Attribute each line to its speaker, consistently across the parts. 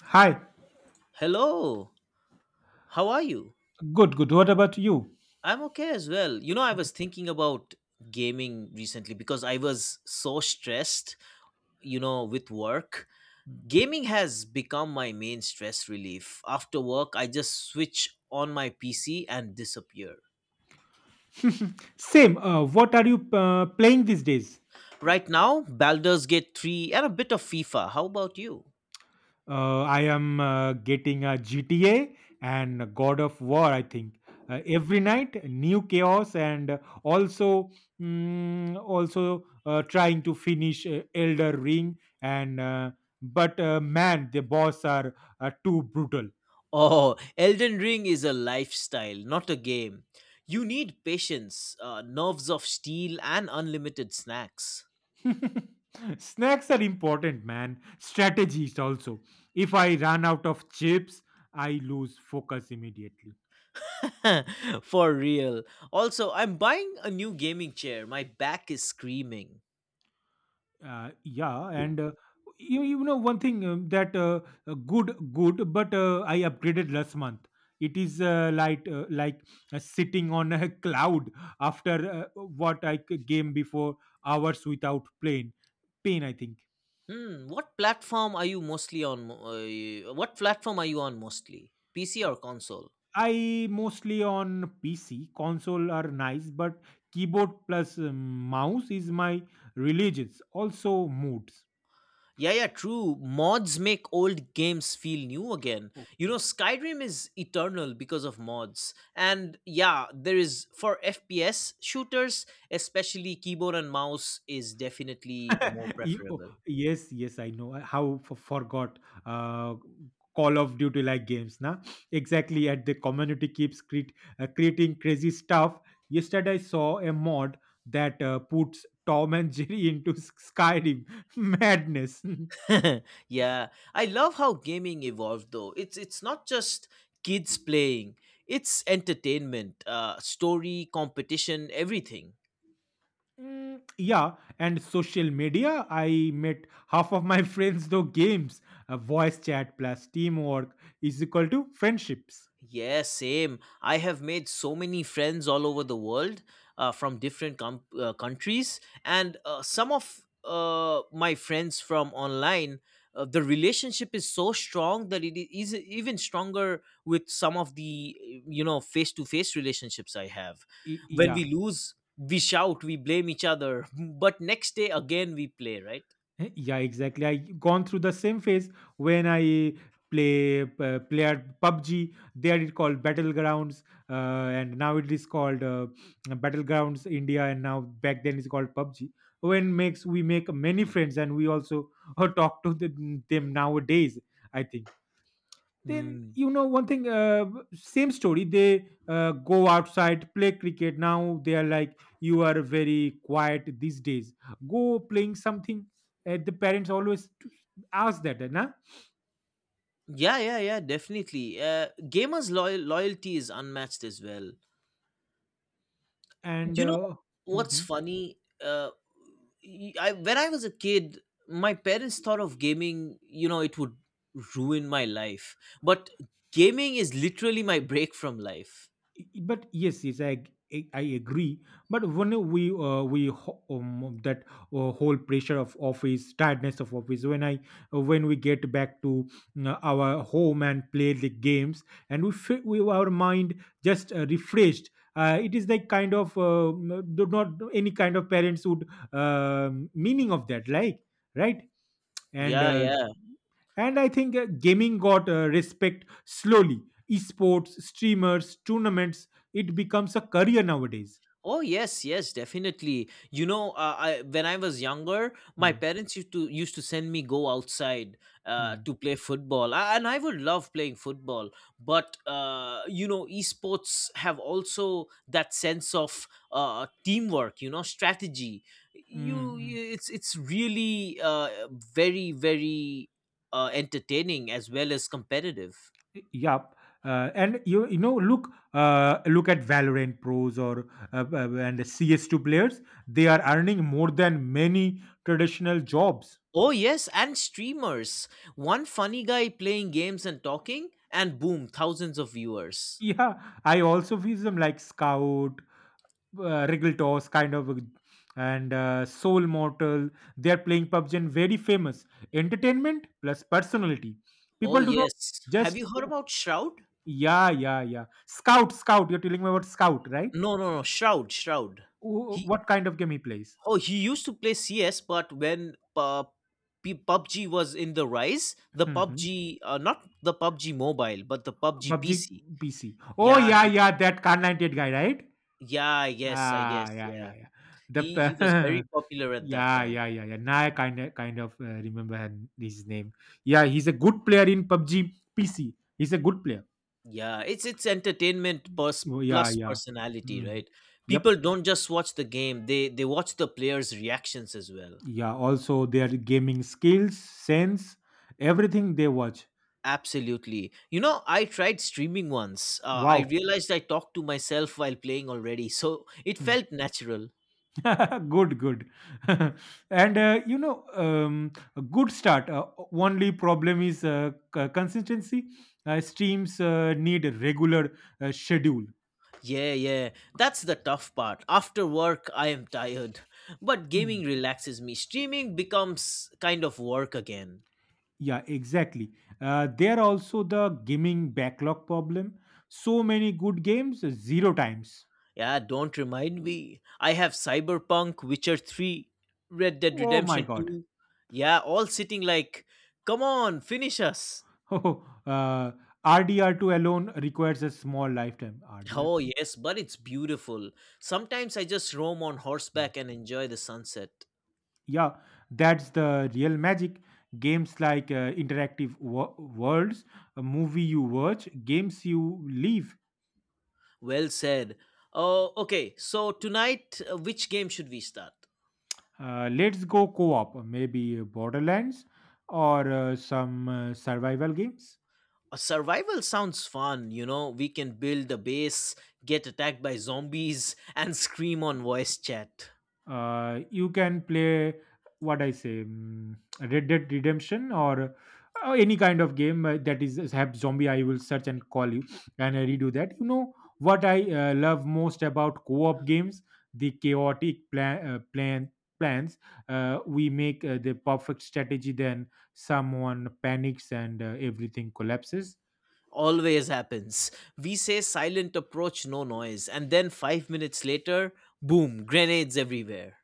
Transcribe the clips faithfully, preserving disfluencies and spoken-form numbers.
Speaker 1: Hi.
Speaker 2: Hello, how are you?
Speaker 1: Good, good. What about you?
Speaker 2: I'm okay as well. You know, I was thinking about gaming recently because I was so stressed, you know, with work. Gaming has become my main stress relief. After work, I just switch on my P C and disappear.
Speaker 1: Same. Uh, what are you uh, playing these days?
Speaker 2: Right now, Baldur's Gate three and a bit of FIFA. How about you?
Speaker 1: Uh, I am uh, getting a G T A and God of War, I think. Uh, every night, new chaos, and also mm, also uh, trying to finish uh, Elder Ring. And uh, but uh, man, the boss are uh, too brutal.
Speaker 2: Oh, Elden Ring is a lifestyle, not a game. You need patience, uh, nerves of steel, and unlimited snacks.
Speaker 1: Snacks are important, man. Strategies also. If I run out of chips, I lose focus immediately.
Speaker 2: For real. Also, I'm buying a new gaming chair. My back is screaming.
Speaker 1: Uh, yeah, and uh, you, you know one thing um, that uh, uh, good good, but uh, I upgraded last month. It is uh, like uh, like uh, sitting on a cloud after uh, what I c- game before hours without pain. Pain, I think.
Speaker 2: Hmm, what platform are you mostly on? Mo- Uh, what platform are you on mostly? P C
Speaker 1: Uh,
Speaker 2: or console?
Speaker 1: I mostly on P C. Console are nice, but keyboard plus um, mouse is my religions. Also moods.
Speaker 2: Yeah, yeah, true. Mods make old games feel new again. You know, Skyrim is eternal because of mods. And yeah, there is for F P S shooters, especially keyboard and mouse is definitely more
Speaker 1: You- oh,
Speaker 2: preferable.
Speaker 1: yes, yes, I know. I- How f- forgot uh, Call of Duty like games, na? Exactly. At the community keeps cre- uh, creating crazy stuff. Yesterday, I saw a mod that uh, puts Tom and Jerry into Skyrim madness.
Speaker 2: Yeah, I love how gaming evolved though. It's it's not just kids playing. It's entertainment, uh story, competition, everything.
Speaker 1: Mm, yeah, and social media. I met half of my friends through games. Uh, voice chat plus teamwork is equal to friendships.
Speaker 2: Yeah, same. I have made so many friends all over the world uh, from different com- uh, countries, and uh, some of uh, my friends from online. Uh, the relationship is so strong that it is even stronger with some of the you know face to face relationships I have.
Speaker 1: Y-
Speaker 2: When we
Speaker 1: yeah.
Speaker 2: lose, we shout, we blame each other, but next day again we play, right?
Speaker 1: Eh, yeah, exactly. I gone through the same phase when I play uh, player pub g. There it called Battlegrounds, uh, and now it is called uh, Battlegrounds India, and now back then it's called pub g. When makes we make many friends, and we also uh, talk to them them nowadays. I think. Then
Speaker 2: Mm.
Speaker 1: you know one thing, uh, same story. They uh, go outside play cricket. Now they are like, you are very quiet these days. Go playing something. Uh, the parents always t- ask that, eh, na.
Speaker 2: Yeah, yeah, yeah, definitely. Uh, gamers' loyal loyalty is unmatched as well.
Speaker 1: And
Speaker 2: You know
Speaker 1: uh,
Speaker 2: what's
Speaker 1: mhm.
Speaker 2: funny? Uh, y- I when I was a kid, my parents thought of gaming. You know, it would ruin my life, but gaming is literally my break from life.
Speaker 1: But yes, yes, i ag- i agree. But when we uh, we ho- um, that, uh, whole pressure of office, tiredness of office, when I uh, when we get back to uh, our home and play the games, and we, fe- we our mind just uh, refreshed. Uh, it is like kind of uh, do not any kind of parents would um meaning of that, like, right. And
Speaker 2: Yeah,
Speaker 1: uh,
Speaker 2: yeah.
Speaker 1: and I think uh, gaming got uh, respect slowly. Esports, streamers, tournaments, it becomes a career nowadays.
Speaker 2: Oh yes, yes, definitely. You know, uh, I when I was younger, my
Speaker 1: Mm,
Speaker 2: parents used to used to send me go outside uh,
Speaker 1: mm,
Speaker 2: to play football, I, and I would love playing football. But uh, you know, esports have also that sense of uh, teamwork. You know, strategy.
Speaker 1: mm,
Speaker 2: You,
Speaker 1: mm.
Speaker 2: you it's it's really uh, very very uh, entertaining as well as competitive.
Speaker 1: Yup. Uh, and you you know look uh, Look at Valorant pros or uh, uh, and C S two players. They are earning more than many traditional jobs.
Speaker 2: Oh, yes, and streamers. One funny guy playing games and talking, and boom, thousands of viewers.
Speaker 1: Yeah, I also feel some like Scout, uh, Wriggle Toss kind of and uh, Soul Mortal. They are playing pub g and very famous. Entertainment plus personality.
Speaker 2: Oh,
Speaker 1: People do not
Speaker 2: yes. Have
Speaker 1: just
Speaker 2: you heard about Shroud?
Speaker 1: yeah, yeah, yeah. Scout Scout. You're telling me about Scout, right?
Speaker 2: No, no, no, Shroud, Shroud.
Speaker 1: Wh-
Speaker 2: He
Speaker 1: What kind of game he plays?
Speaker 2: Oh, he used to play C S, but when uh, P- PUBG was in the rise, the
Speaker 1: Hmm,
Speaker 2: PUBG, uh, not the PUBG mobile, but the PUBG
Speaker 1: pub g
Speaker 2: P C.
Speaker 1: P C. Oh
Speaker 2: Yeah,
Speaker 1: yeah,
Speaker 2: he,
Speaker 1: yeah, that Khan ninety-eight guy, right?
Speaker 2: yeah, I guess, I
Speaker 1: Ah
Speaker 2: guess,
Speaker 1: yeah,
Speaker 2: yeah.
Speaker 1: yeah, yeah. The
Speaker 2: He he was very popular at that
Speaker 1: yeah,
Speaker 2: time.
Speaker 1: yeah, yeah, yeah. Now I kind of kind of uh, remember her- his name. Yeah, he's a good player in pub g P C. He's a good player.
Speaker 2: Yeah, it's it's entertainment plus
Speaker 1: Oh, yeah,
Speaker 2: plus
Speaker 1: yeah.
Speaker 2: personality,
Speaker 1: Mm.
Speaker 2: right?
Speaker 1: Yep.
Speaker 2: People don't just watch the game; they they watch the players' reactions as well.
Speaker 1: Yeah. Also, their gaming skills, sense, everything they watch.
Speaker 2: Absolutely. You know, I tried streaming once. Uh, I
Speaker 1: Wow.
Speaker 2: realized I talked to myself while playing already, so it
Speaker 1: Hmm.
Speaker 2: felt natural.
Speaker 1: good, good. and uh, You know, um, a good start. Uh, only problem is uh, c- consistency. Uh, streams uh, need a regular uh, schedule.
Speaker 2: Yeah, yeah. That's the tough part. After work, I am tired, but
Speaker 1: Hmm.
Speaker 2: gaming relaxes me. Streaming becomes kind of work again.
Speaker 1: Yeah, exactly. Uh, there also the gaming backlog problem. So many good games, zero times.
Speaker 2: Yeah, don't remind me. I have Cyberpunk, Witcher three, Red Dead
Speaker 1: Oh my
Speaker 2: Redemption
Speaker 1: god.
Speaker 2: two. Yeah, all sitting like, come on, finish us.
Speaker 1: Oh, uh, R D R two alone requires a small lifetime.
Speaker 2: Oh,
Speaker 1: R D R two?
Speaker 2: yes, but it's beautiful. Sometimes I just roam on
Speaker 1: Hmm.
Speaker 2: horseback and enjoy the sunset.
Speaker 1: Yeah, that's the real magic. Games like uh, interactive wo- worlds, a movie you watch, games you leave.
Speaker 2: Well said. Oh, okay. So tonight, uh, which game should we start?
Speaker 1: Uh, let's go co op, maybe Borderlands or uh, some uh, survival games.
Speaker 2: Uh, survival sounds fun, you know. We can build a base, get attacked by zombies, and scream on voice chat.
Speaker 1: Uh, you can play, what I say, mm, Red Dead Redemption or uh, any kind of game uh, that is have zombie. I will search and call you, and I redo that. You know what I uh, love most about co-op games: the chaotic plan, uh, plan plans uh, we make, uh, the perfect strategy. Then someone panics and uh, everything collapses.
Speaker 2: Always happens. We say silent approach, no noise, and then five minutes later, boom, grenades everywhere.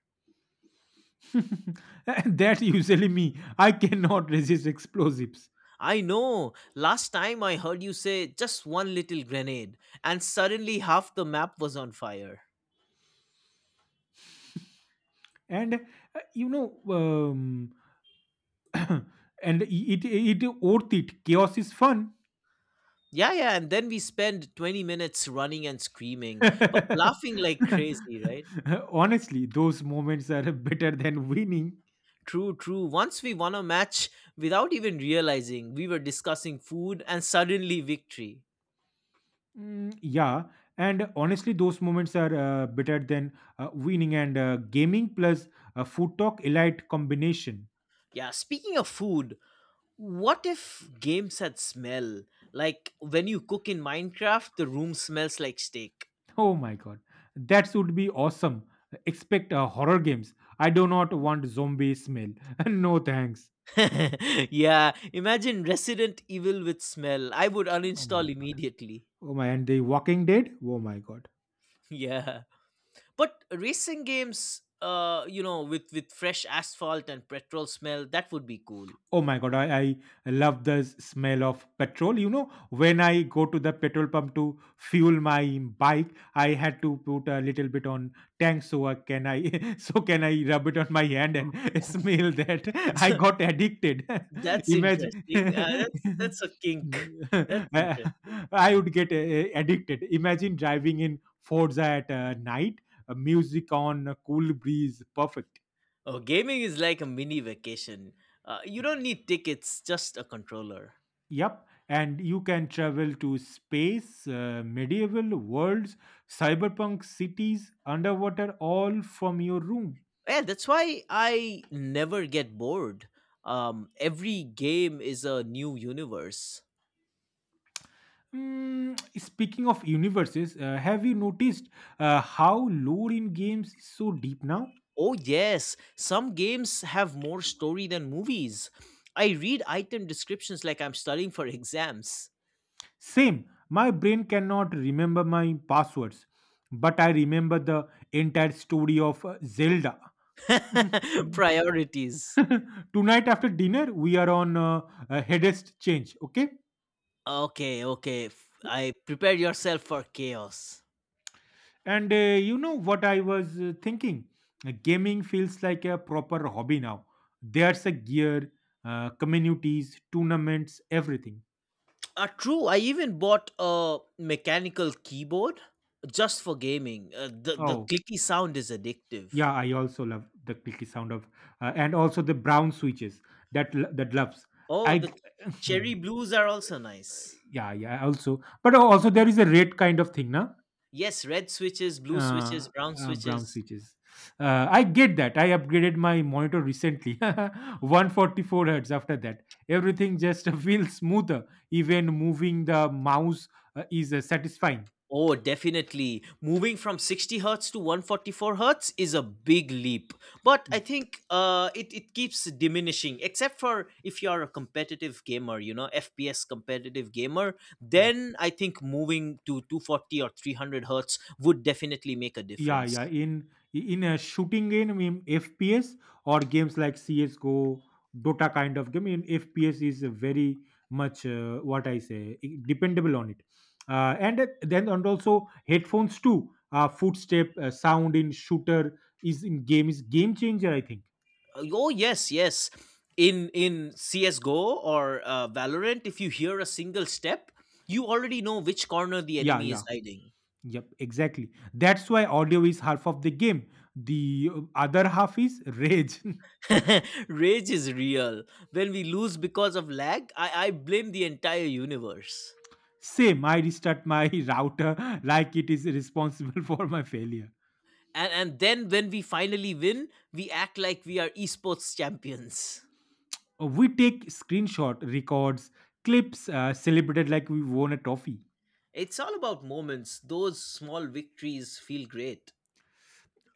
Speaker 1: That usually me. I cannot resist explosives.
Speaker 2: I know. Last time I heard you say just one little grenade, and suddenly half the map was on fire.
Speaker 1: And uh, you know um, And it, it it worth it. Chaos is fun.
Speaker 2: Yeah, yeah, and then we spend twenty minutes running and screaming, but laughing like crazy, right?
Speaker 1: Honestly, those moments are better than winning.
Speaker 2: True, true. Once we won a match without even realizing, we were discussing food and suddenly victory.
Speaker 1: Mm, yeah, and honestly, those moments are uh, better than uh, winning. And uh, gaming plus uh, food talk, elite combination.
Speaker 2: Yeah, speaking of food, what if games had smell? Like when you cook in Minecraft, the room smells like steak.
Speaker 1: Oh my god, that would be awesome. Expect uh, horror games. I do not want zombie smell. No thanks.
Speaker 2: Yeah, imagine Resident Evil with smell. I would
Speaker 1: Oh my
Speaker 2: uninstall
Speaker 1: god.
Speaker 2: immediately.
Speaker 1: Oh my, and the Walking Dead. Oh my god.
Speaker 2: Yeah. But racing games, uh, you know, with with fresh asphalt and petrol smell, that would be cool.
Speaker 1: Oh my god, I, I I love the s- smell of petrol. You know, when I go to the petrol pump to fuel my bike, I had to put a little bit on tank so I can I so can I rub it on my hand and smell that. I got addicted.
Speaker 2: That's
Speaker 1: Imagine
Speaker 2: interesting. Uh, that's that's a kink. That's
Speaker 1: I
Speaker 2: interesting.
Speaker 1: I would get uh, addicted. Imagine driving in Forza at uh, night, uh, music on, a cool breeze, perfect.
Speaker 2: Oh, gaming is like a mini vacation. Uh, you don't need tickets, just a controller.
Speaker 1: Yep, and you can travel to space, uh, medieval worlds, cyberpunk cities, underwater, all from your room.
Speaker 2: Yeah, that's why I never get bored. Um, every game is a new universe.
Speaker 1: Mm, speaking of universes, uh, have you noticed uh, how lore in games is so deep now?
Speaker 2: Oh, yes. Some games have more story than movies. I read item descriptions like I'm studying for exams.
Speaker 1: Same, my brain cannot remember my passwords, but I remember the entire story of uh, Zelda.
Speaker 2: Priorities.
Speaker 1: Tonight after dinner, we are on uh, a headest change, okay?
Speaker 2: Okay, okay. f- I prepare yourself for chaos.
Speaker 1: And uh, you know what I was uh, thinking? Uh, Gaming feels like a proper hobby now. There's a gear, uh, communities, tournaments, everything.
Speaker 2: Uh, true. I even bought a mechanical keyboard just for gaming. Uh, the, the
Speaker 1: Oh,
Speaker 2: clicky sound is addictive.
Speaker 1: yeah, I also love the clicky sound of, uh, and also the brown switches that l- that loves.
Speaker 2: Oh,
Speaker 1: I
Speaker 2: the
Speaker 1: g- Hmm.
Speaker 2: cherry blues are also nice.
Speaker 1: Yeah, yeah, also, but also there is a red kind of thing, na?
Speaker 2: Yes, red switches, blue
Speaker 1: uh,
Speaker 2: switches, brown
Speaker 1: uh, Brown
Speaker 2: switches.
Speaker 1: switches. Uh, I get that. I upgraded my monitor recently, one hundred forty-four hertz. After that, everything just feels smoother. Even moving the mouse uh, is uh, satisfying.
Speaker 2: Oh, definitely. Moving from sixty hertz to one hundred forty-four hertz is a big leap. But I think uh, it, it keeps diminishing, except for if you're a competitive gamer, you know, F P S competitive gamer,
Speaker 1: Mm.
Speaker 2: then I think moving to two hundred forty or three hundred hertz would definitely make a
Speaker 1: Yeah, yeah.
Speaker 2: difference.
Speaker 1: In in a shooting game in F P S or games like CS:GO, Dota kind of game, in F P S is very much, uh, what I say I- dependable on it. Uh, and uh, then and also headphones too. Uh, footstep uh, sound in shooter is in game is game changer. I think.
Speaker 2: Uh, Oh, yes, yes. In, in C S G O or uh, Valorant, if you hear a single step, you already know which corner the
Speaker 1: Yeah,
Speaker 2: enemy is
Speaker 1: yeah,
Speaker 2: hiding.
Speaker 1: yep, exactly. That's why audio is half of the game. The uh, other half is rage.
Speaker 2: Rage is real. When we lose because of lag, I, I blame the entire universe.
Speaker 1: Same, I restart my router like it is responsible for my failure.
Speaker 2: And, and then when we finally win, we act like we are esports champions.
Speaker 1: Uh, We take screenshot, records, clips, uh, celebrated like we won a trophy.
Speaker 2: It's all about moments. Those small victories feel great.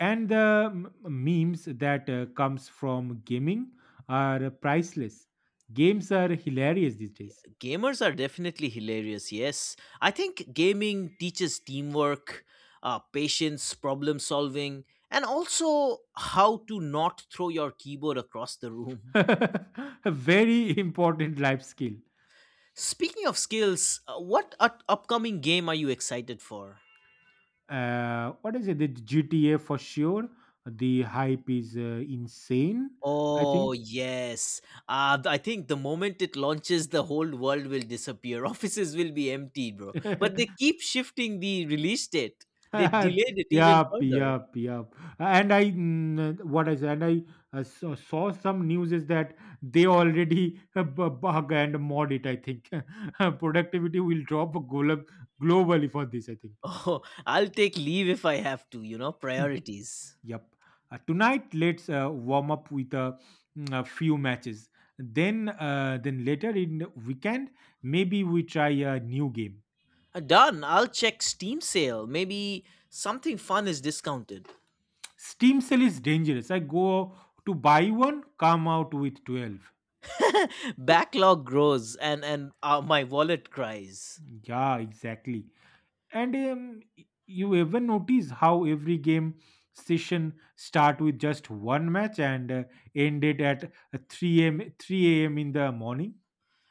Speaker 1: And the m- memes that uh, comes from gaming are priceless. Games are hilarious these days.
Speaker 2: Gamers are definitely hilarious, yes. I think gaming teaches teamwork, uh, patience, problem solving, and also how to not throw your keyboard across the room.
Speaker 1: A very important life skill.
Speaker 2: Speaking of skills, uh, what up- upcoming game are you excited for?
Speaker 1: Uh, what is it? The G T A for sure. The hype is uh, insane. I
Speaker 2: Oh yes, uh, th- I think the moment it launches, the whole world will disappear. Offices will be empty, bro. But
Speaker 1: think.
Speaker 2: they keep shifting the release date. They delayed it even
Speaker 1: Yup,
Speaker 2: further.
Speaker 1: yup, yup. And I, mm, what I said, and I uh, saw, saw some news is that they already uh, bu- bug and mod it. I think productivity will drop glo- globally for this. I think.
Speaker 2: Oh, I'll take leave if I have to. You know, priorities.
Speaker 1: Yup. Uh, tonight, let's uh, warm up with a, mm, a few matches. Then, uh, then later in the weekend, maybe we try a new game.
Speaker 2: Uh, Done. I'll check Steam sale. Maybe something fun is discounted.
Speaker 1: Steam sale is dangerous. I go to buy one, come out with twelve.
Speaker 2: Backlog grows, and and uh, my wallet cries.
Speaker 1: Yeah, exactly. And um, y- you ever notice how every game session start with just one match and uh, ended at uh, three a m? three a m in the morning?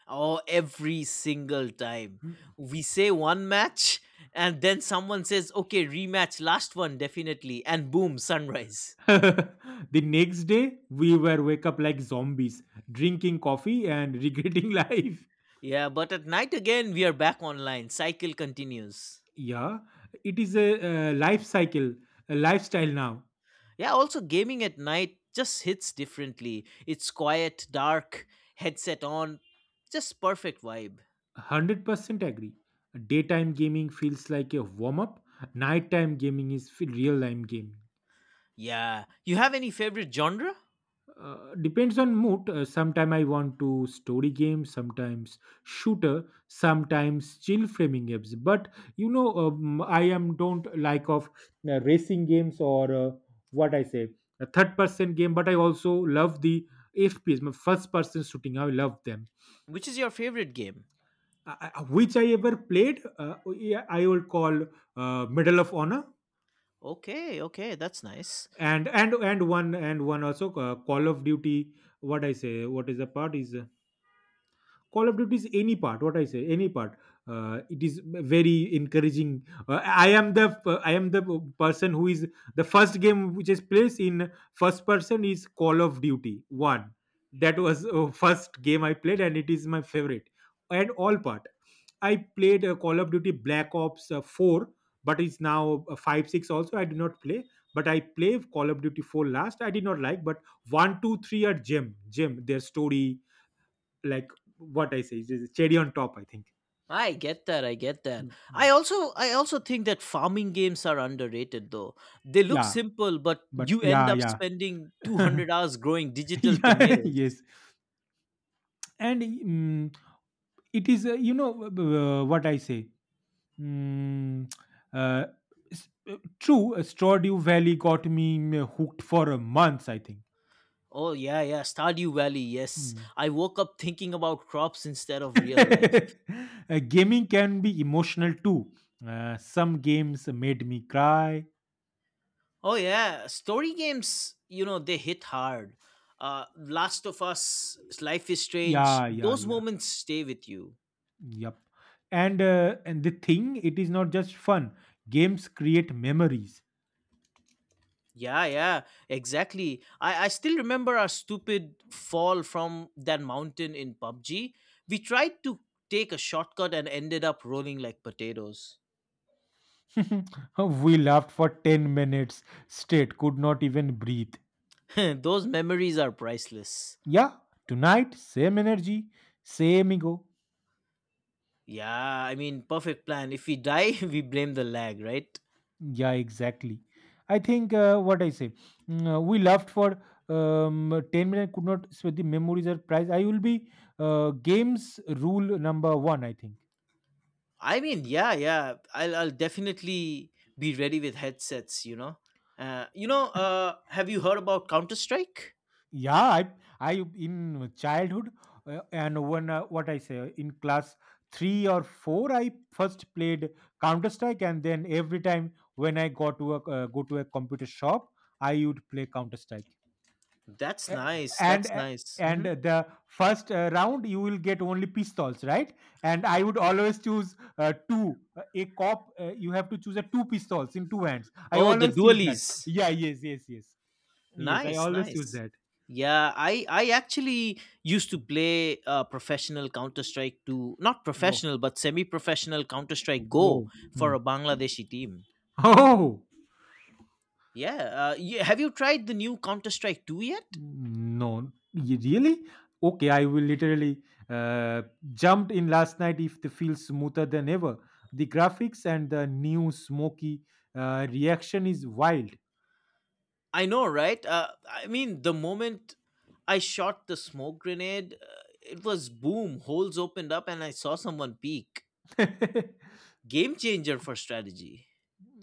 Speaker 2: Oh, every single time. We say one match, and then someone says, okay, rematch, last one, definitely. And boom, sunrise.
Speaker 1: The next day, we were wake up like zombies, drinking coffee and regretting life.
Speaker 2: Yeah, but at night again, we are back online. Cycle continues.
Speaker 1: Yeah, it is a, uh, life cycle, a lifestyle now.
Speaker 2: Yeah, also, gaming at night just hits differently. It's quiet, dark, headset on, just perfect vibe.
Speaker 1: one hundred percent agree. Daytime gaming feels like a warm up. Nighttime gaming is f- real-time gaming.
Speaker 2: Yeah. You have any favorite genre?
Speaker 1: Uh, depends on mood. Uh, sometime I want to story game, sometimes shooter, sometimes chill framing games, but you know, um, I am don't like of uh, racing games or uh, what I say a third person game, but I also love the FPS, my first person shooting. I love them.
Speaker 2: Which is your favorite game?
Speaker 1: I, I- which I ever played, uh, yeah, I will call uh, Medal of Honor,
Speaker 2: Okay, okay, that's nice.
Speaker 1: and and and one and one also uh, Call of Duty. What I say, what is the part is, uh, Call of Duty is any part. What I say, any part. Uh, it is very encouraging. Uh, I am the I am the person who is the first game which is placed in first person is Call of Duty One. That was uh, first game I played, and it is my favorite. And all part, I played uh, Call of Duty Black Ops uh, Four, but it's now uh, five six also. I do not play, but I play Call of Duty Four last. I did not like, but one two three are gem gem. Their story, like, what I say, it is cherry on top, I think.
Speaker 2: I get that. I get that.
Speaker 1: Mm, mm.
Speaker 2: I also I also think that farming games are underrated though. They look
Speaker 1: Yeah,
Speaker 2: simple, but
Speaker 1: but
Speaker 2: you end
Speaker 1: yeah,
Speaker 2: up
Speaker 1: yeah,
Speaker 2: spending two hundred hours growing digital
Speaker 1: yeah,
Speaker 2: tomatoes.
Speaker 1: yes. And mm, it is, uh, you know, uh, what I say. Mm, uh, s- uh, True, uh, Stardew Valley got me mm, hooked for a month, I think.
Speaker 2: Oh yeah, yeah, Stardew Valley. Yes.
Speaker 1: Mm.
Speaker 2: I woke up thinking about crops instead of real life.
Speaker 1: Uh, gaming can be emotional too. Uh, some games made me cry.
Speaker 2: Oh yeah, story games, you know, they hit hard. Uh Last of Us, Life is Strange,
Speaker 1: Yeah, yeah,
Speaker 2: those
Speaker 1: yeah.
Speaker 2: moments stay with you.
Speaker 1: Yep. And uh, and the thing, it is not just fun. Games create memories.
Speaker 2: Yeah, yeah, exactly. I, I still remember our stupid fall from that mountain in PUBG. We tried to take a shortcut and ended up rolling like potatoes.
Speaker 1: We laughed for ten minutes straight, could not even breathe.
Speaker 2: Those memories are priceless.
Speaker 1: Yeah, tonight, same energy, same ego.
Speaker 2: Yeah, I mean, perfect plan. If we die, we blame the lag, right?
Speaker 1: Yeah, exactly. I think, uh, what I say, mm, uh, we laughed for um, ten minutes, could not sweat the memories are price. I will be, uh, games rule number one, I think.
Speaker 2: I mean, yeah, yeah. I'll, I'll definitely be ready with headsets, you know? Uh, you know, uh, have you heard about Counter Strike?
Speaker 1: Yeah, I I in childhood, uh, and when, uh, what I say, in class three or four, I first played Counter Strike, and then every time when I got to a uh, go to a computer shop, I would play Counter Strike.
Speaker 2: That's
Speaker 1: A-
Speaker 2: nice.
Speaker 1: And
Speaker 2: That's
Speaker 1: uh,
Speaker 2: nice.
Speaker 1: and
Speaker 2: Mhm.
Speaker 1: the first uh, round you will get only pistols, right? And I would always choose, uh, two. Uh, A cop, uh, you have to choose a two pistols in two hands. I
Speaker 2: Oh, the
Speaker 1: always choose that.
Speaker 2: dualies.
Speaker 1: Yeah, yes, yes, yes, yes. I
Speaker 2: Nice,
Speaker 1: always choose
Speaker 2: nice.
Speaker 1: that.
Speaker 2: Yeah, I I actually used to play uh, professional Counter Strike two, not professional but semi-professional Counter Strike Go
Speaker 1: Wow.
Speaker 2: for
Speaker 1: Hmm.
Speaker 2: a Bangladeshi team.
Speaker 1: Oh
Speaker 2: Yeah, uh, yeah. Have you tried the new Counter Strike Two yet?
Speaker 1: no! Y- Really? Okay, I will literally, uh, jumped in last night. If the feels smoother than ever, the graphics and the new smoky uh, reaction is wild.
Speaker 2: I know, right? Uh, I mean, the moment I shot the smoke grenade, uh, it was boom, holes opened up, and I saw someone peek. Game changer for strategy.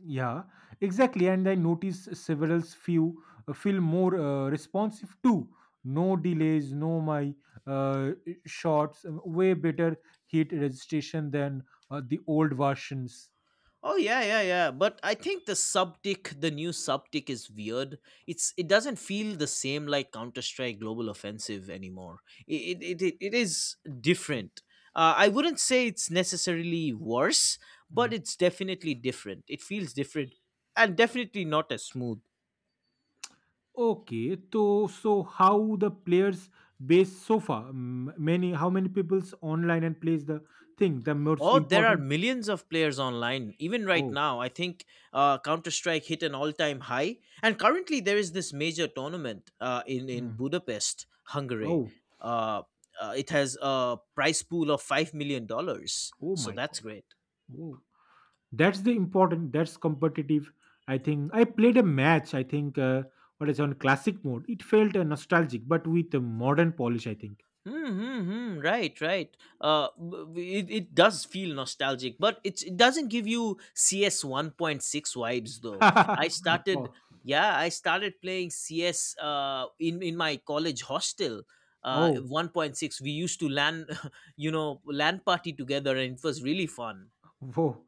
Speaker 1: Yeah, exactly. And I notice several few uh, feel more uh, responsive too. No delays, no my uh, shots. um, Way better hit registration than uh, the old versions.
Speaker 2: Oh yeah, yeah, yeah. But I think the subtick, the new subtick is weird. It's it doesn't feel the same like Counter Strike Global Offensive anymore. It it it, it is different. Uh, I wouldn't say it's necessarily worse, but
Speaker 1: Hmm.
Speaker 2: it's definitely different. It feels different and definitely not as smooth.
Speaker 1: Okay, so so how the players base so far? M- Many how many people's online and plays the thing the most
Speaker 2: Or there are
Speaker 1: important?
Speaker 2: millions of players online. Even right
Speaker 1: Oh,
Speaker 2: now, I think uh, Counter Strike hit an all time high. And currently, there is this major tournament uh, in, in
Speaker 1: mm,
Speaker 2: Budapest, Hungary.
Speaker 1: oh,
Speaker 2: Uh, uh, it has a prize pool of five million dollars.
Speaker 1: oh
Speaker 2: So
Speaker 1: my
Speaker 2: that's
Speaker 1: God!
Speaker 2: great.
Speaker 1: Oh, that's the important. That's competitive. I think I played a match. I think, uh, what is on classic mode. It felt uh, nostalgic, but with a modern polish, I think.
Speaker 2: Mm-hmm, right, right. Uh, b- b- it, it does feel nostalgic, but it's, it doesn't give you C S one point six vibes though. I started,
Speaker 1: Oh,
Speaker 2: yeah, I started playing C S uh, in, in my college hostel. Uh,
Speaker 1: oh,
Speaker 2: one point six, we used to LAN, you know, LAN party together and it was really fun.
Speaker 1: whoa.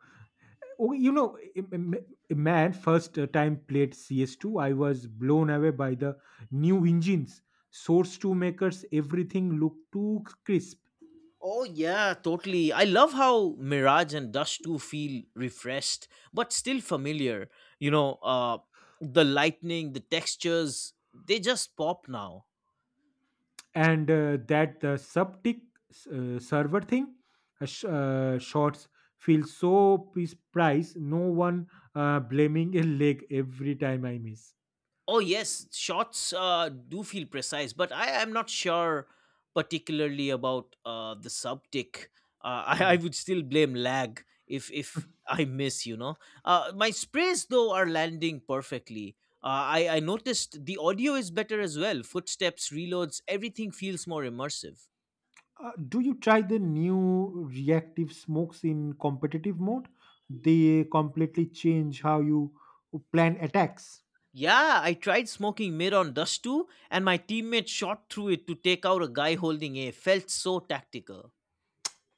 Speaker 1: Oh, you know, im- im- man, first time played C S two, I was blown away by the new engines. Source two makers, everything looked too crisp.
Speaker 2: Oh yeah, totally. I love how Mirage and Dust two feel refreshed but still familiar. You know, uh the lightning, the textures, they just pop now.
Speaker 1: And uh, that the subtick uh, server thing, uh, sh- uh, shots feel so precise. No one uh, blaming a leg every time I miss.
Speaker 2: Oh yes, shots uh, do feel precise, but I am not sure particularly about uh, the subtick. Uh, I, I
Speaker 1: Oh.
Speaker 2: would still blame lag if if I miss. You know, uh, my sprays though are landing perfectly. Uh, I I noticed the audio is better as well. Footsteps, reloads, everything feels more immersive.
Speaker 1: Uh, do you try the new reactive smokes in competitive mode? They completely change how you plan attacks.
Speaker 2: Yeah, I tried smoking mid on dust too, and my teammate shot through it to take out a guy holding a. Felt so tactical.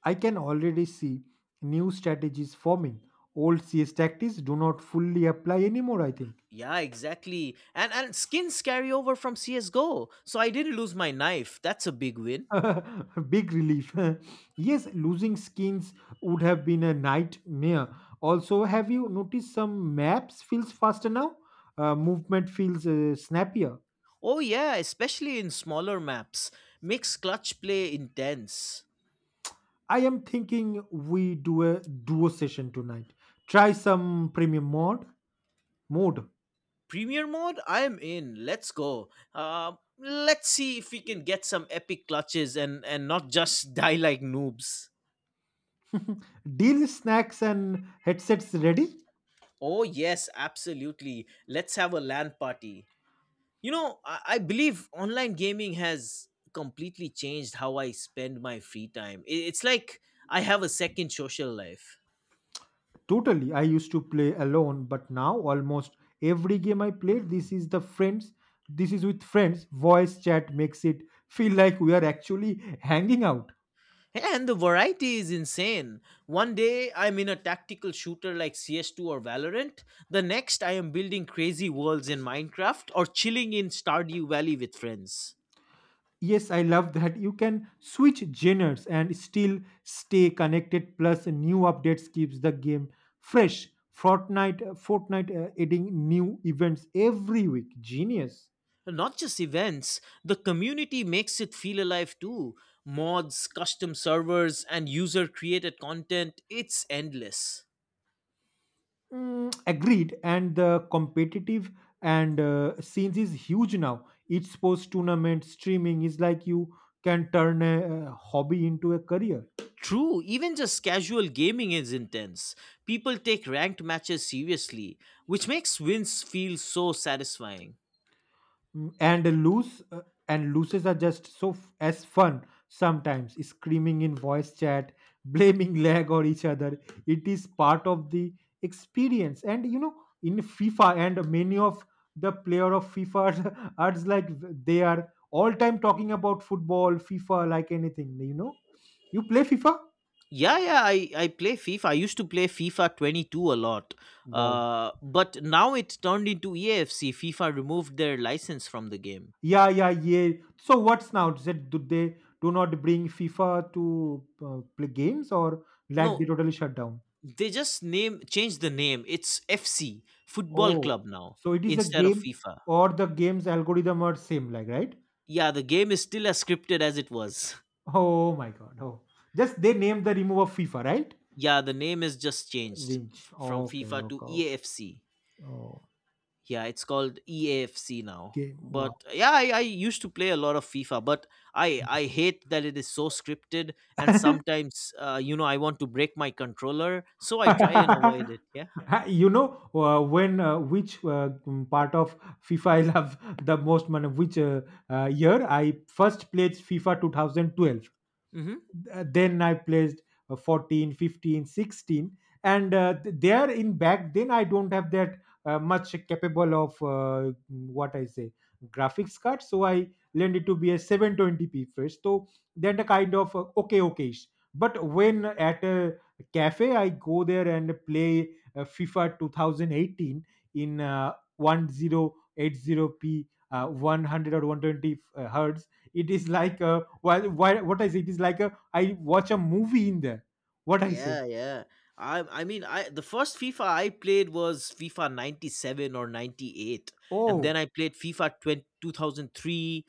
Speaker 1: I can already see new strategies forming. Old C S tactics do not fully apply anymore, I think.
Speaker 2: Yeah, exactly. And and skins carry over from C S:GO. So I didn't lose my knife. That's a big win.
Speaker 1: Big relief. Yes, losing skins would have been a nightmare. Also, have you noticed some maps feels faster now? Uh, movement feels uh, snappier.
Speaker 2: Oh yeah, especially in smaller maps. Makes clutch play intense.
Speaker 1: I am thinking we do a duo session tonight. Try some premium mod mode.
Speaker 2: Premier mode, I'm in. Let's go. Um let's see if we can get some epic clutches and and not just die like noobs.
Speaker 1: Deal snacks and headsets ready?
Speaker 2: Oh yes, absolutely. Let's have a LAN party. You know, I, I believe online gaming has completely changed how I spend my free time. I- it's like I have a second social life.
Speaker 1: Totally. I used to play alone, but now almost every game I play, this is the friends. This is with friends. Voice chat makes it feel like we are actually hanging out.
Speaker 2: And the variety is insane. One day I'm in a tactical shooter like C S two or Valorant. The next I am building crazy worlds in Minecraft or chilling in Stardew Valley with friends.
Speaker 1: Yes, I love that. You can switch genres and still stay connected. Plus, new updates keeps the game fresh. Fortnite, Fortnite, uh, adding new events every week. Genius.
Speaker 2: Not just events, the community makes it feel alive too. Mods, custom servers, and user created content, it's endless.
Speaker 1: Mm, agreed. And the competitive and uh, scenes is huge now. Each sports tournament streaming is like you can turn a, a hobby into a career.
Speaker 2: True, even just casual gaming is intense. People take ranked matches seriously, which makes wins feel so satisfying.
Speaker 1: Mm, and loose uh, and looses are just so f- as fun, sometimes screaming in voice chat, blaming lag or each other. It is part of the experience. And you know in FIFA, and many of the player of FIFA are are like, they are all time talking about football, FIFA, like anything. You know, you play FIFA.
Speaker 2: Yeah, yeah, I, I play FIFA. I used to play FIFA twenty-two a lot.
Speaker 1: Wow.
Speaker 2: Uh, but now it turned into E A F C. FIFA removed their license from the game.
Speaker 1: Yeah, yeah, yeah. So what's now said, do they do not bring FIFA to uh, play games, or like they
Speaker 2: No,
Speaker 1: totally shut down?
Speaker 2: they just name change the name. It's F C Football Club
Speaker 1: Oh,
Speaker 2: now
Speaker 1: so it is a
Speaker 2: instead of
Speaker 1: game,
Speaker 2: FIFA.
Speaker 1: or the game's algorithm are same like, right?
Speaker 2: Yeah, the game is still as scripted as it was.
Speaker 1: Oh my god. Oh. Just they named the remove of FIFA, right?
Speaker 2: Yeah, the name is just changed
Speaker 1: Rinch.
Speaker 2: f- from
Speaker 1: Okay,
Speaker 2: FIFA to
Speaker 1: okay. o-
Speaker 2: E A F C.
Speaker 1: Oh,
Speaker 2: Yeah, it's called E A F C now.
Speaker 1: game. Wow.
Speaker 2: But yeah, I, I used to play a lot of FIFA, but I I hate that it is so scripted, and sometimes uh, you know I want to break my controller, so I try and avoid it. Yeah.
Speaker 1: You know, uh, when uh, which, uh, mm, part of FIFA I love the most? Man, which uh, uh, year I first played FIFA twenty twelve.
Speaker 2: Hmm.
Speaker 1: Uh, then I placed uh, fourteen, fifteen, sixteen, and uh, th- there in back then I don't have that uh, much capable of, uh, what I say, graphics card, so I learned it to be a seven twenty p first, so then a kind of uh, okay okayish. But when at a cafe I go there and play uh, FIFA twenty eighteen in uh, ten eighty p, uh, one hundred or one twenty uh, hertz, it is like, uh, well, why, what is it? It is like a, I watch a movie in there. What I say?
Speaker 2: Yeah, yeah. I I mean I the first FIFA I played was FIFA ninety-seven or ninety-eight, and then
Speaker 1: Oh,
Speaker 2: I played FIFA twenty two thousand three.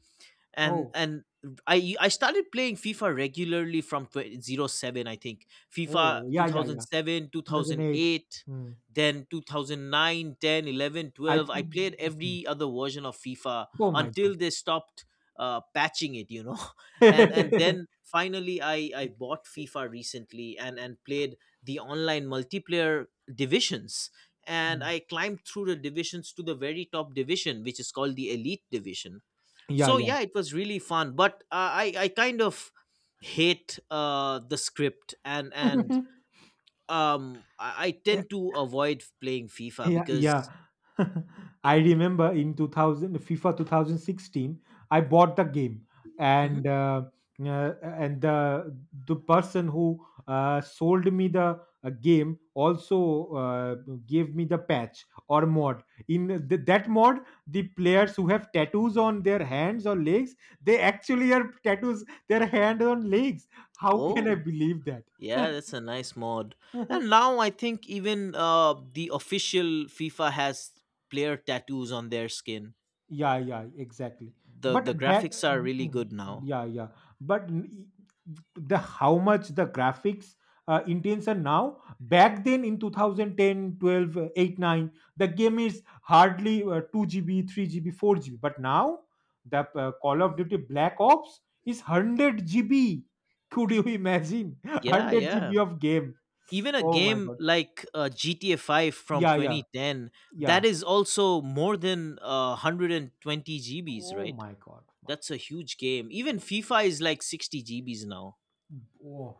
Speaker 2: and
Speaker 1: oh,
Speaker 2: and I I started playing FIFA regularly from twenty, oh seven, I think. FIFA
Speaker 1: oh, yeah, yeah, yeah.
Speaker 2: two thousand seven,
Speaker 1: two thousand eight.
Speaker 2: two thousand eight.
Speaker 1: Mm.
Speaker 2: Then two thousand nine, ten, eleven,
Speaker 1: I
Speaker 2: twelve, I
Speaker 1: think.
Speaker 2: played
Speaker 1: Mhm.
Speaker 2: every other version of FIFA
Speaker 1: Oh my god.
Speaker 2: until they stopped uh, patching it you know and and then finally I I bought FIFA recently, and and played the online multiplayer divisions, and
Speaker 1: Mm.
Speaker 2: I climbed through the divisions to the very top division, which is called the elite division.
Speaker 1: Yeah,
Speaker 2: So yeah, it was really fun, but uh, i i kind of hate uh the script. and and
Speaker 1: yeah.
Speaker 2: um i, I tend to avoid playing FIFA
Speaker 1: Yeah,
Speaker 2: because
Speaker 1: yeah.
Speaker 2: it.
Speaker 1: I remember in two thousand FIFA twenty sixteen, I bought the game,
Speaker 2: Mhm.
Speaker 1: and uh, uh, and the the person who, uh, sold me the, uh, game also, uh, gave me the patch or mod. In th- that mod, the players who have tattoos on their hands or legs, they actually are tattoos their hand on legs. How can I
Speaker 2: Oh
Speaker 1: believe that?
Speaker 2: yeah, that's a nice mod. And now I think even uh the official FIFA has player tattoos on their skin.
Speaker 1: Yeah, yeah, exactly.
Speaker 2: The the
Speaker 1: But back,
Speaker 2: graphics are really
Speaker 1: Mhm.
Speaker 2: good now.
Speaker 1: Yeah, yeah. But n- e- the how much the graphics uh, intense are now, back then in two thousand ten, uh, eight, nine, the game is hardly uh, two G B, three G B, four G B. But now the, uh, Call of Duty Black Ops is one hundred G B. Could you imagine?
Speaker 2: Yeah,
Speaker 1: 100
Speaker 2: yeah.
Speaker 1: GB of game.
Speaker 2: Even a
Speaker 1: Oh my
Speaker 2: game
Speaker 1: God.
Speaker 2: like uh, G T A five from
Speaker 1: Yeah, yeah,
Speaker 2: twenty ten, that
Speaker 1: yeah.
Speaker 2: is also more than uh, one hundred twenty G Bs,
Speaker 1: Oh
Speaker 2: right?
Speaker 1: my God.
Speaker 2: That's a huge game. Even FIFA is like sixty G Bs now.
Speaker 1: Oh,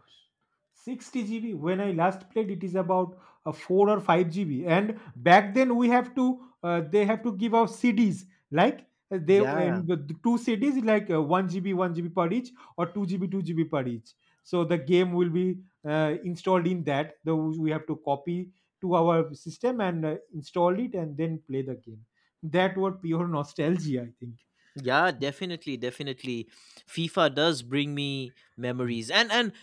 Speaker 1: sixty gigabytes. When I last played, it is about, uh, four or five G B. And back then, we have to, uh, they have to give out C Ds. Like, uh, they,
Speaker 2: Yeah,
Speaker 1: and the the two C Ds, like, uh, one G B, one G B per each, or two G B, two G B per each. So the game will be, uh, installed in that. The, we have to copy to our system and, uh, install it and then play the game. That was pure nostalgia, I think.
Speaker 2: yeah, definitely, definitely. FIFA does bring me memories. And and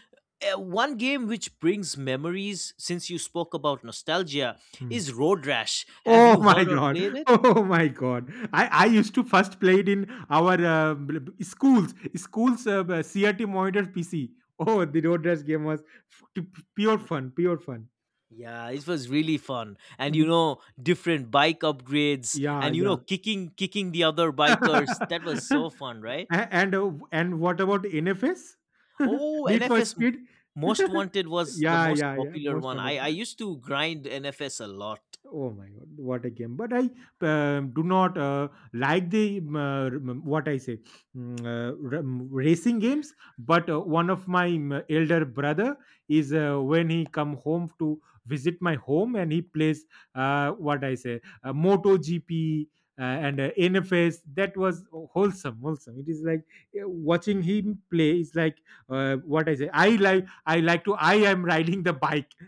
Speaker 2: uh, one game which brings memories, since you spoke about nostalgia,
Speaker 1: Hmm.
Speaker 2: is Road Rash. Have
Speaker 1: Oh
Speaker 2: you
Speaker 1: my
Speaker 2: heard or
Speaker 1: god!
Speaker 2: played it?
Speaker 1: Oh my god! I, I used to first play it in our, uh, bl- b- schools schools uh, b- C R T monitor P C. Oh, the road rash game was f- t- p- pure fun, pure fun.
Speaker 2: Yeah, it was really fun. And you
Speaker 1: Mhm.
Speaker 2: know, different bike upgrades
Speaker 1: Yeah,
Speaker 2: and you know,
Speaker 1: yeah.
Speaker 2: kicking kicking the other bikers. That was
Speaker 1: A-
Speaker 2: so fun, right?
Speaker 1: and uh, and what about N F S?
Speaker 2: Oh,
Speaker 1: Need for
Speaker 2: N F S
Speaker 1: Speed?
Speaker 2: Most Wanted was the
Speaker 1: Yeah,
Speaker 2: most
Speaker 1: yeah, yeah.
Speaker 2: popular
Speaker 1: Most
Speaker 2: one. I
Speaker 1: wanted.
Speaker 2: I used to grind N F S a lot.
Speaker 1: Oh my god, what a game! But I um do not, uh, like the, um, uh, rem- what I say, mm, uh, rem- racing games. But, uh, one of my, um, elder brother is, uh, when he come home to visit my home and he plays, uh, what I say, uh, Moto G P, uh, and, uh, N F S. That was wholesome, wholesome. It is like, uh, watching him play is like, uh, what I say. I like I like to, I am riding the bike.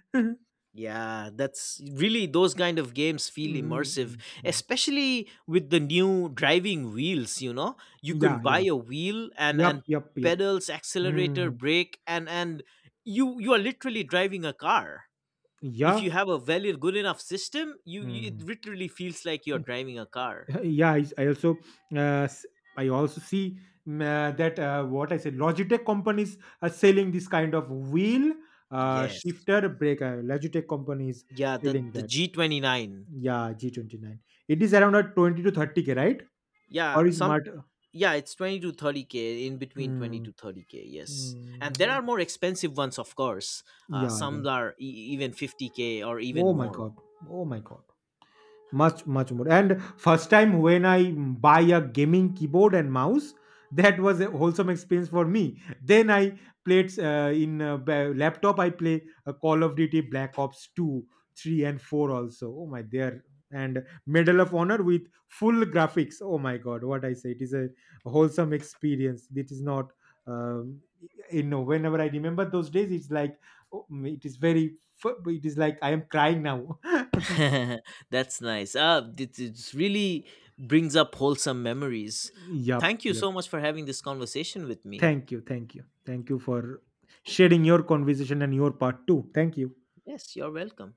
Speaker 2: Yeah, that's really, those kind of games feel
Speaker 1: Mhm,
Speaker 2: immersive,
Speaker 1: mhm, mhm.
Speaker 2: especially with the new driving wheels, you know. You can
Speaker 1: Yeah,
Speaker 2: buy
Speaker 1: yeah.
Speaker 2: a wheel and
Speaker 1: Yup,
Speaker 2: and
Speaker 1: yup, yup.
Speaker 2: pedals, accelerator,
Speaker 1: Mhm.
Speaker 2: brake, and and you you are literally driving a car. If
Speaker 1: Yeah.
Speaker 2: you have a well good enough system, you, you it
Speaker 1: Mhm.
Speaker 2: literally feels like you're driving a car.
Speaker 1: Yeah, I I also, uh, s I also see, mm, uh, that, uh, what I said, Logitech companies are selling this kind of wheel, uh,
Speaker 2: Yes.
Speaker 1: shifter, breaker. Logitech companies
Speaker 2: Yeah, the
Speaker 1: selling
Speaker 2: the
Speaker 1: that.
Speaker 2: G twenty-nine.
Speaker 1: Yeah, G twenty-nine. It is around at twenty to thirty K, right?
Speaker 2: Yeah,
Speaker 1: Or is
Speaker 2: some.
Speaker 1: mart, uh,
Speaker 2: Yeah, it's twenty to thirty k, in between twenty
Speaker 1: Mm.
Speaker 2: to thirty k, yes.
Speaker 1: Mm,
Speaker 2: And there are more expensive ones, of course. Uh,
Speaker 1: yeah, yeah.
Speaker 2: some are e- even fifty k or even
Speaker 1: Oh my
Speaker 2: more.
Speaker 1: God. Oh my God. Much, much more. And first time when I, mm, buy a gaming keyboard and mouse, that was a wholesome experience for me. Then I played, uh, in uh, ba- laptop, I play, uh, Call of Duty Black Ops two, three and four also. Oh my dear. And Medal of Honor with full graphics. Oh my god, what I say, it is a wholesome experience. It is not, um, you know whenever I remember those days it's like, oh, it is very fu- it is like I am crying now.
Speaker 2: That's nice. Uh, it, it really brings up wholesome memories.
Speaker 1: Yep,
Speaker 2: Thank you
Speaker 1: yep.
Speaker 2: so much for having this conversation with me.
Speaker 1: Thank you. Thank you. Thank you for sharing your conversation and your part too. Thank you.
Speaker 2: Yes, you're welcome.